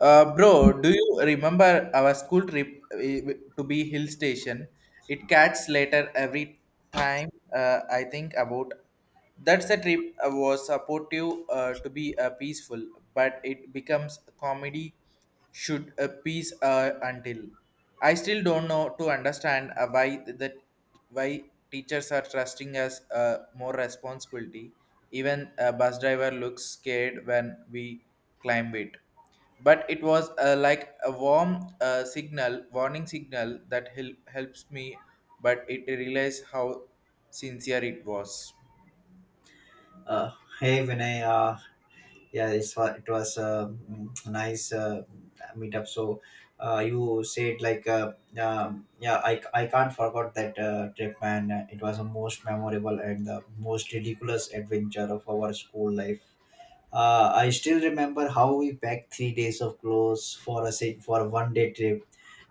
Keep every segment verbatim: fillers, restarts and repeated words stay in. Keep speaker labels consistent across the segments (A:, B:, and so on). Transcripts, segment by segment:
A: Uh, bro, do you remember our school trip uh, to be hill station? It catches later every time. Uh, I think about that's a trip uh, was supportive uh, to be uh, peaceful, but it becomes comedy should a peace uh, until. I still don't know to understand uh, why that why teachers are trusting us uh, more responsibility. Even a bus driver looks scared when we climb it, but it was uh, like a warm uh, signal warning signal that hel- helps me, but it realized how sincere it was.
B: Uh, Hey Vinay, uh, yeah, it's, wa- it was uh, mm, nice uh, meetup. So uh, you said like, uh, um, yeah, I, I can't forget that uh, trip, man. Uh, It was the most memorable and the most ridiculous adventure of our school life. Uh, I still remember how we packed three days of clothes for a si- for a one day trip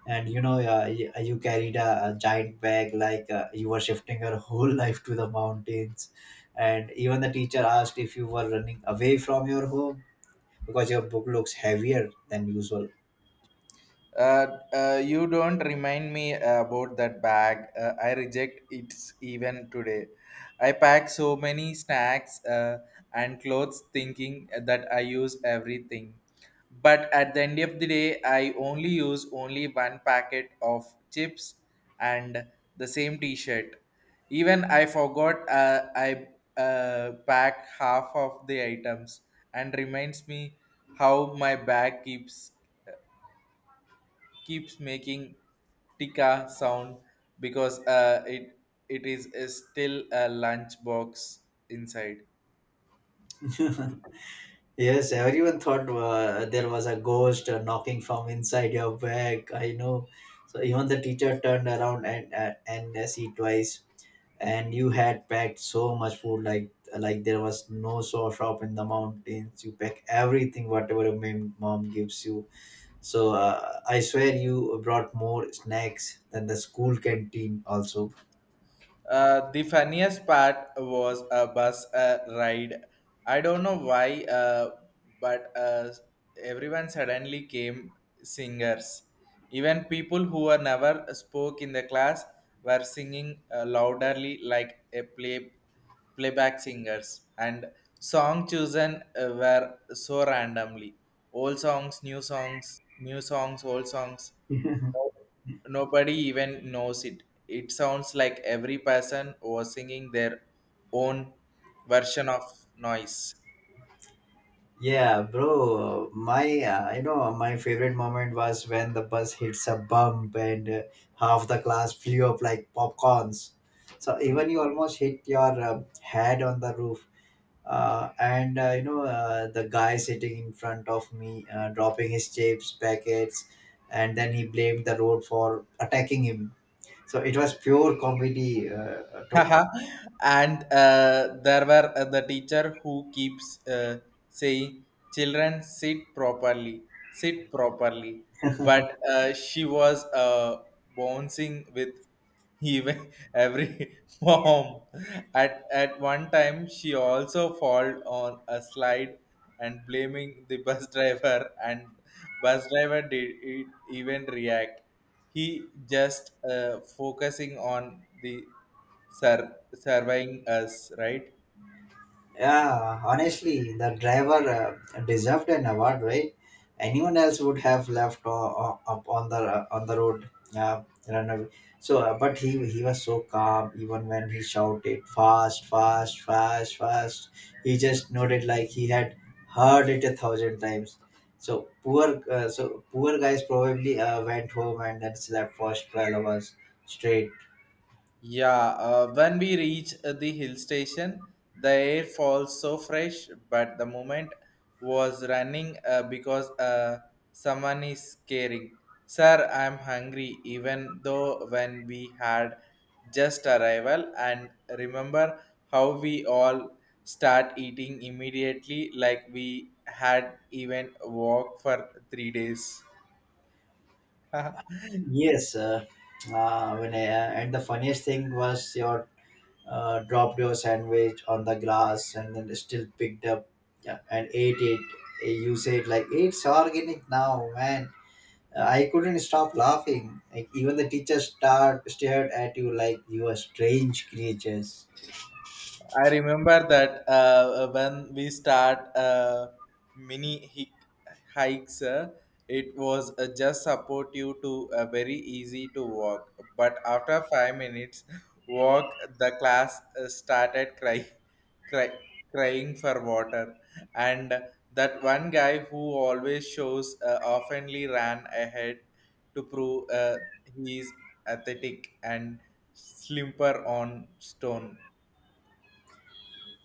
B: and you know uh, you, you carried a, a giant bag like uh, you were shifting your whole life to the mountains, and even the teacher asked if you were running away from your home because your book looks heavier than usual.
A: Uh, uh, you don't remind me about that bag. Uh, I reject it even today. I pack so many snacks uh, and clothes thinking that I use everything. But at the end of the day, I only use only one packet of chips and the same t-shirt. Even I forgot uh, I uh, pack half of the items, and reminds me how my bag keeps keeps making tika sound because uh, it it is uh, still a lunchbox inside.
B: Yes, everyone thought uh, there was a ghost uh, knocking from inside your bag, I know. So even the teacher turned around and uh, and uh, see twice, and you had packed so much food, like like there was no so shop in the mountains. You pack everything whatever your mom mom gives you. So uh, I swear you brought more snacks than the school canteen also.
A: Uh, the funniest part was a bus uh, ride. I don't know why, uh, but uh, everyone suddenly came singers. Even people who were never spoke in the class were singing uh, loudly like a play playback singers, and song chosen uh, were so randomly, old songs, new songs, new songs, old songs. No- Nobody even knows it, it sounds like every person was singing their own version of noise.
B: Yeah bro, my uh, you know, my favorite moment was when the bus hits a bump and uh, half the class flew up like popcorns. So even you almost hit your uh, head on the roof, uh, and uh, you know, uh, the guy sitting in front of me uh, dropping his chips packets, and then he blamed the road for attacking him. So it was pure comedy, uh, to,
A: Haha. And uh, there were uh, the teacher who keeps uh, saying, children sit properly, sit properly, but uh, she was uh, bouncing with even every form. At at one time she also fall on a slide and blaming the bus driver, and bus driver did it even react, he just uh, focusing on the sir, surveying us, right?
B: yeah, honestly, the driver uh, deserved an award, right? Anyone else would have left o- o- up on the uh, on the road, uh, run away. So, uh, but he he was so calm even when he shouted fast, fast, fast, fast. He just nodded like he had heard it a thousand times. So poor, uh, so poor guys probably uh, went home and then slept for twelve hours straight.
A: Yeah, uh, when we reach uh, the hill station, the air falls so fresh, but the moment was running uh, because uh, someone is caring. Sir, I'm hungry, even though when we had just arrival, and remember how we all start eating immediately like we had even walk for three days.
B: Yes, uh, uh, when I, uh, and The funniest thing was your uh, dropped your sandwich on the grass and then still picked up, yeah, and ate it. Eh, You said like it's organic now, man. Uh, I couldn't stop laughing. Like even the teacher start stared at you like you are strange creatures.
A: I remember that uh, when we start uh, mini hic- hikes, uh, it was uh, just support you to uh, very easy to walk. But after five minutes walk, the class uh, started crying, cry, crying for water, and that one guy who always shows uh, oftenly ran ahead to prove uh, he is athletic and slimper on stone.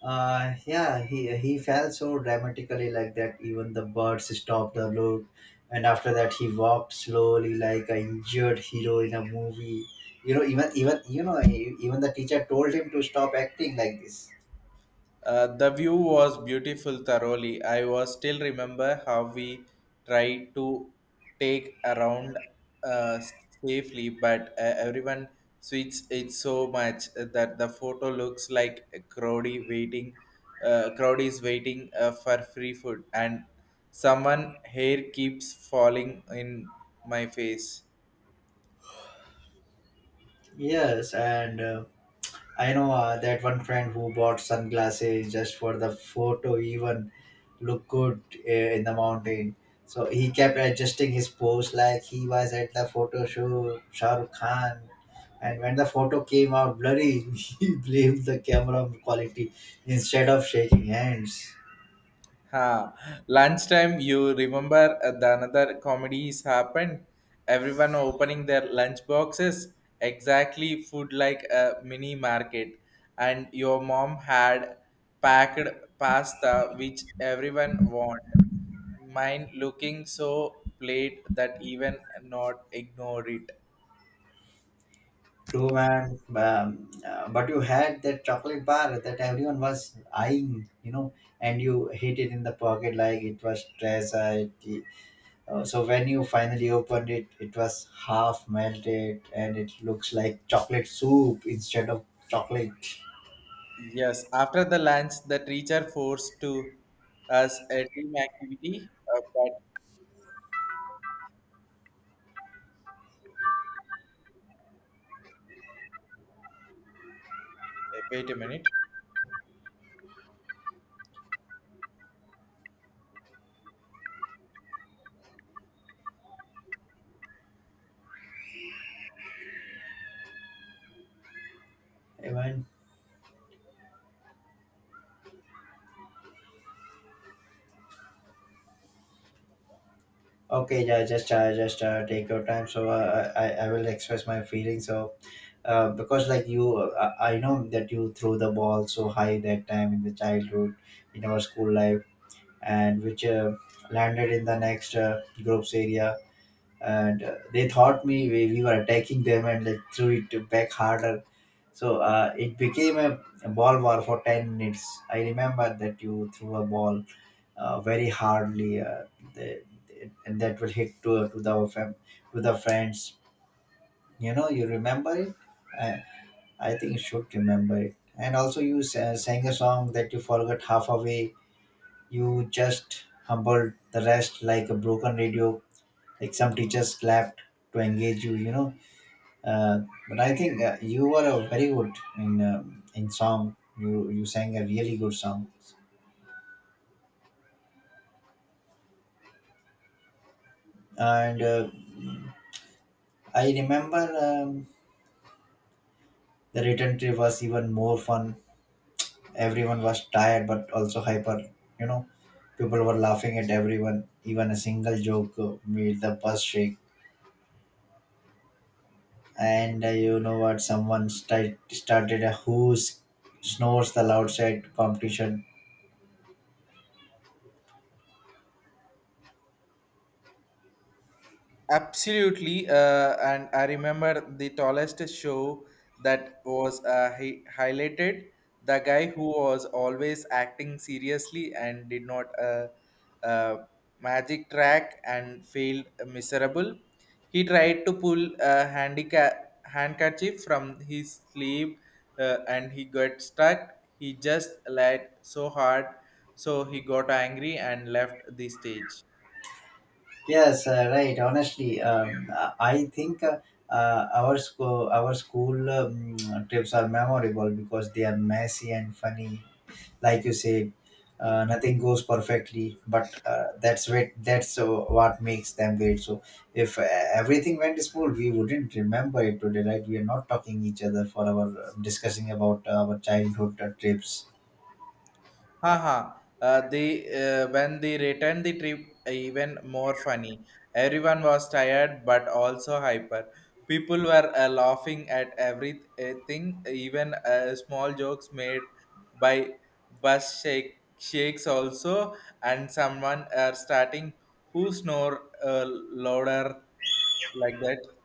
B: Uh, yeah, he he fell so dramatically like that. Even the birds stopped the look, and after that he walked slowly like a injured hero in a movie. You know, even even you know, e- even the teacher told him to stop acting like this.
A: Uh, the view was beautiful thoroughly. I was still remember how we tried to take around, uh, safely, but uh, everyone switches it so much that the photo looks like a crowdy waiting, uh, crowd is waiting uh, for free food, and someone hair keeps falling in my face.
B: Yes, and uh, I know uh, that one friend who bought sunglasses just for the photo, even look good uh, in the mountain. So he kept adjusting his pose like he was at the photo shoot, Shah Rukh Khan. And when the photo came out blurry, he blamed the camera quality instead of shaking hands.
A: Ha. Lunchtime, you remember uh, the another comedies happened? Everyone opening their lunch boxes, exactly food like a mini market. And your mom had packed pasta, which everyone wanted. Mine looking so plate that even not ignore it.
B: True, man. Um, uh, but you had that chocolate bar that everyone was eyeing, you know, and you hid it in the pocket like it was treasure. It, uh, so when you finally opened it, it was half melted and it looks like chocolate soup instead of chocolate.
A: Yes, after the lunch, the teacher forced to us a team activity. Uh, but wait a minute.
B: Hey, man. Okay, yeah, just uh, just uh, take your time. So uh, I I I will express my feelings. So uh, because like you, uh, I I know that you threw the ball so high that time in the childhood, in our school life, and which uh, landed in the next uh, group's area. And uh, they thought me we, we were attacking them and like threw it back harder. So uh, it became a, a ball war for ten minutes. I remember that you threw a ball uh, very hardly, uh, the, the- and that will hit to, to, the, fam- to the friends. You know, you remember it? I, I think you should remember it. And also, you sa- sang a song that you forgot half away. You just humbled the rest like a broken radio, like some teachers clapped to engage you, you know. Uh, but I think uh, you were a very good in um in song. You you sang a really good song, and uh, I remember, um, the return trip was even more fun. Everyone was tired but also hyper. You know, people were laughing at everyone. Even a single joke uh, made the bus shake, and uh, you know what, someone sti- started a who s- snores the outside competition.
A: Absolutely, uh, and I remember the tallest show that was uh, hi- highlighted. The guy who was always acting seriously and did not uh, uh, magic track and failed miserable. He tried to pull a handicap handkerchief from his sleeve uh, and he got stuck. He just lied so hard, so he got angry and left the stage.
B: Yes, uh, right, honestly, um, i I think uh, uh, our school our school um, trips are memorable because they are messy and funny, like you say, uh, nothing goes perfectly, but uh, that's what that's uh, what makes them great. So if uh, everything went smooth, we wouldn't remember it today, right? We are not talking each other for our uh, discussing about our childhood uh, trips.
A: Haha. Uh, The uh, When they returned the trip, uh, even more funny. Everyone was tired but also hyper. People were uh, laughing at everything, even uh, small jokes made by bus shake, shakes also, and someone uh, starting who snore uh, louder like that.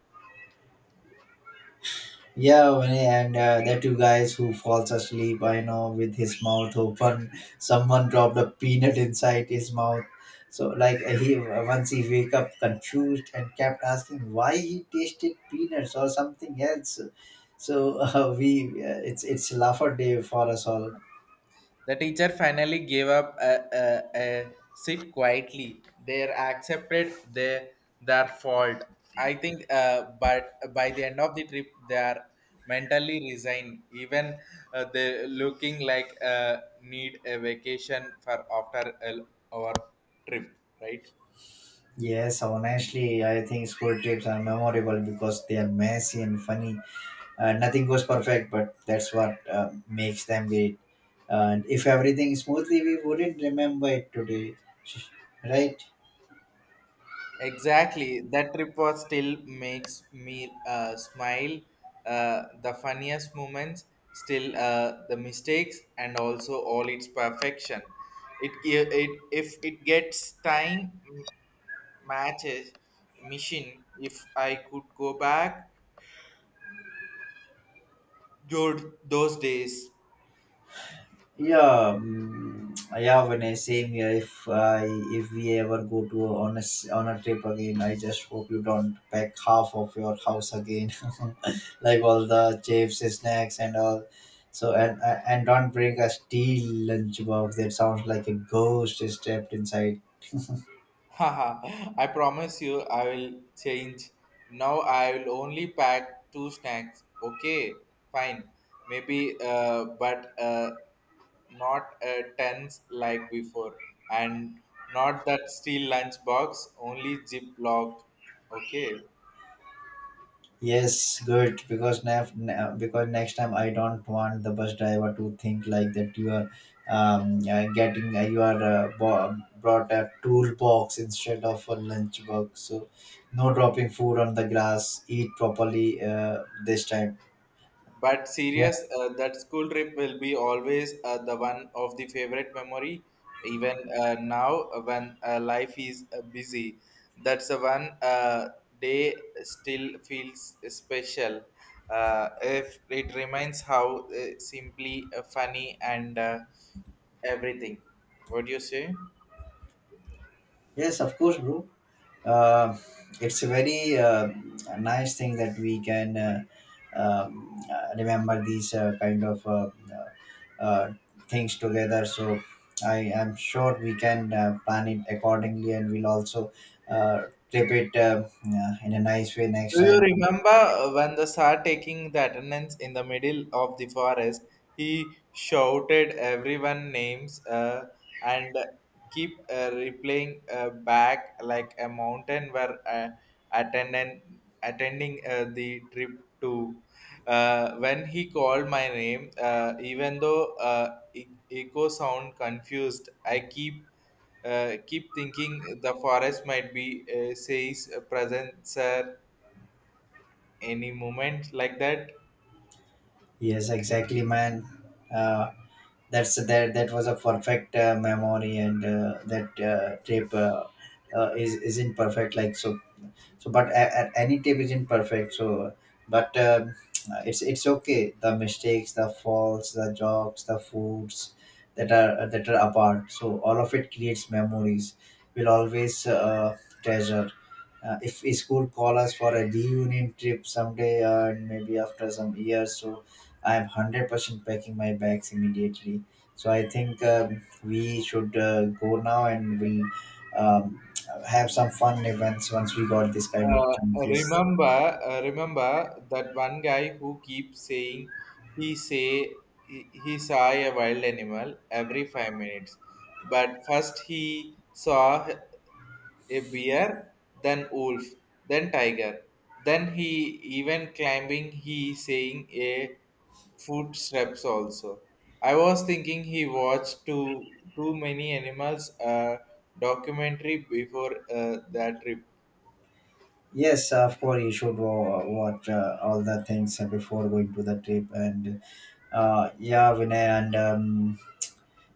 B: Yeah, Vinny, and uh, the two guys who falls asleep, I know, with his mouth open. Someone dropped a peanut inside his mouth. So, like, he once he wake up confused and kept asking why he tasted peanuts or something else. So uh, we, uh, it's it's laugher day for us all.
A: The teacher finally gave up a, a, a sit quietly. They accepted their, their fault. I think, uh, but by the end of the trip, they are mentally resigned. Even uh, they looking like uh, need a vacation for after a, our trip, right?
B: Yes, honestly, I think school trips are memorable because they are messy and funny. Uh, nothing goes perfect, but that's what uh, makes them great. And if everything smoothly, we wouldn't remember it today, right?
A: Exactly. That trip was still makes me uh, smile. Uh, the funniest moments, still uh, the mistakes, and also all its perfection. It, gi- it if it gets time m- matches machine. If I could go back, dude, those days.
B: Yeah, mm, yeah, when I same here. If i if we ever go to a- on a s- on a trip again, I just hope you don't pack half of your house again. Like all the chips, snacks and all. So and and and don't bring a steel lunch box that sounds like a ghost is trapped inside.
A: Haha. I promise you I will change. Now I will only pack two snacks. Okay, fine, maybe uh, but uh, not a tens like before, and not that steel lunch box, only Ziploc. Okay,
B: Yes, good. Because nef- ne- because next time I don't want the bus driver to think like that you are um, uh, getting uh, you are uh, bo- brought a toolbox instead of a lunch box. So no dropping food on the grass. Eat properly uh, this time.
A: but
B: Yeah.
A: serious, uh, that school trip will be always uh, the one of the favorite memory. Even uh, now, uh, when uh, life is uh, busy, that's the one uh, day still feels special. Uh, if it reminds how uh, simply uh, funny and uh, everything. What do you say?
B: Yes, of course, bro. uh, it's a very uh, nice thing that we can uh, um, uh, remember these uh, kind of uh, uh, uh, things together. So I am sure we can uh, plan it accordingly, and we'll also uh, trip it uh, uh, in a nice way next
A: Do you
B: time.
A: remember when the star taking the attendance in the middle of the forest? He shouted everyone names uh, and keep uh, replaying uh, back like a mountain were uh, attendant attending uh, the trip to. Uh, when he called my name, uh, even though uh, e- echo sound confused, I keep uh, keep thinking the forest might be uh, says present sir any moment like that.
B: Yes, exactly, man. uh, that's that that was a perfect uh, memory, and uh, that uh, trip uh, uh, is isn't perfect, like. So so but a, a, any tape isn't perfect. So but um, it's it's okay, the mistakes, the faults, the jokes, the foods that are that are apart. So all of it creates memories we'll always uh, treasure. Uh, if if school call us for a reunion trip someday, uh, and maybe after some years. So I am one hundred percent packing my bags immediately. So I think, um, we should uh, go now, and we'll um, have some fun events once we got this kind of
A: uh,
B: chances.
A: remember uh, Remember that one guy who keeps saying, he say he, he, saw a wild animal every five minutes. But first he saw a bear, then wolf, then tiger, then he even climbing he saying a footsteps also. I was thinking he watched too too many animals uh, documentary before uh, that trip.
B: Yes, of course, you should wa- watch uh, all the things before going to the trip. And uh, yeah, Vinay, and um,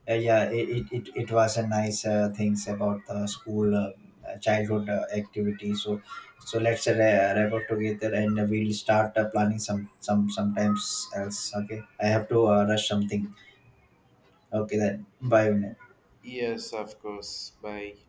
B: uh, yeah, it, it, it it was a nice uh, things about the school uh, childhood uh, activity. So so let's uh, ra- wrap up together, and we'll start uh, planning some some sometimes else. Okay, I have to uh, rush something. Okay, then bye, Vinay.
A: Yes, of course. Bye.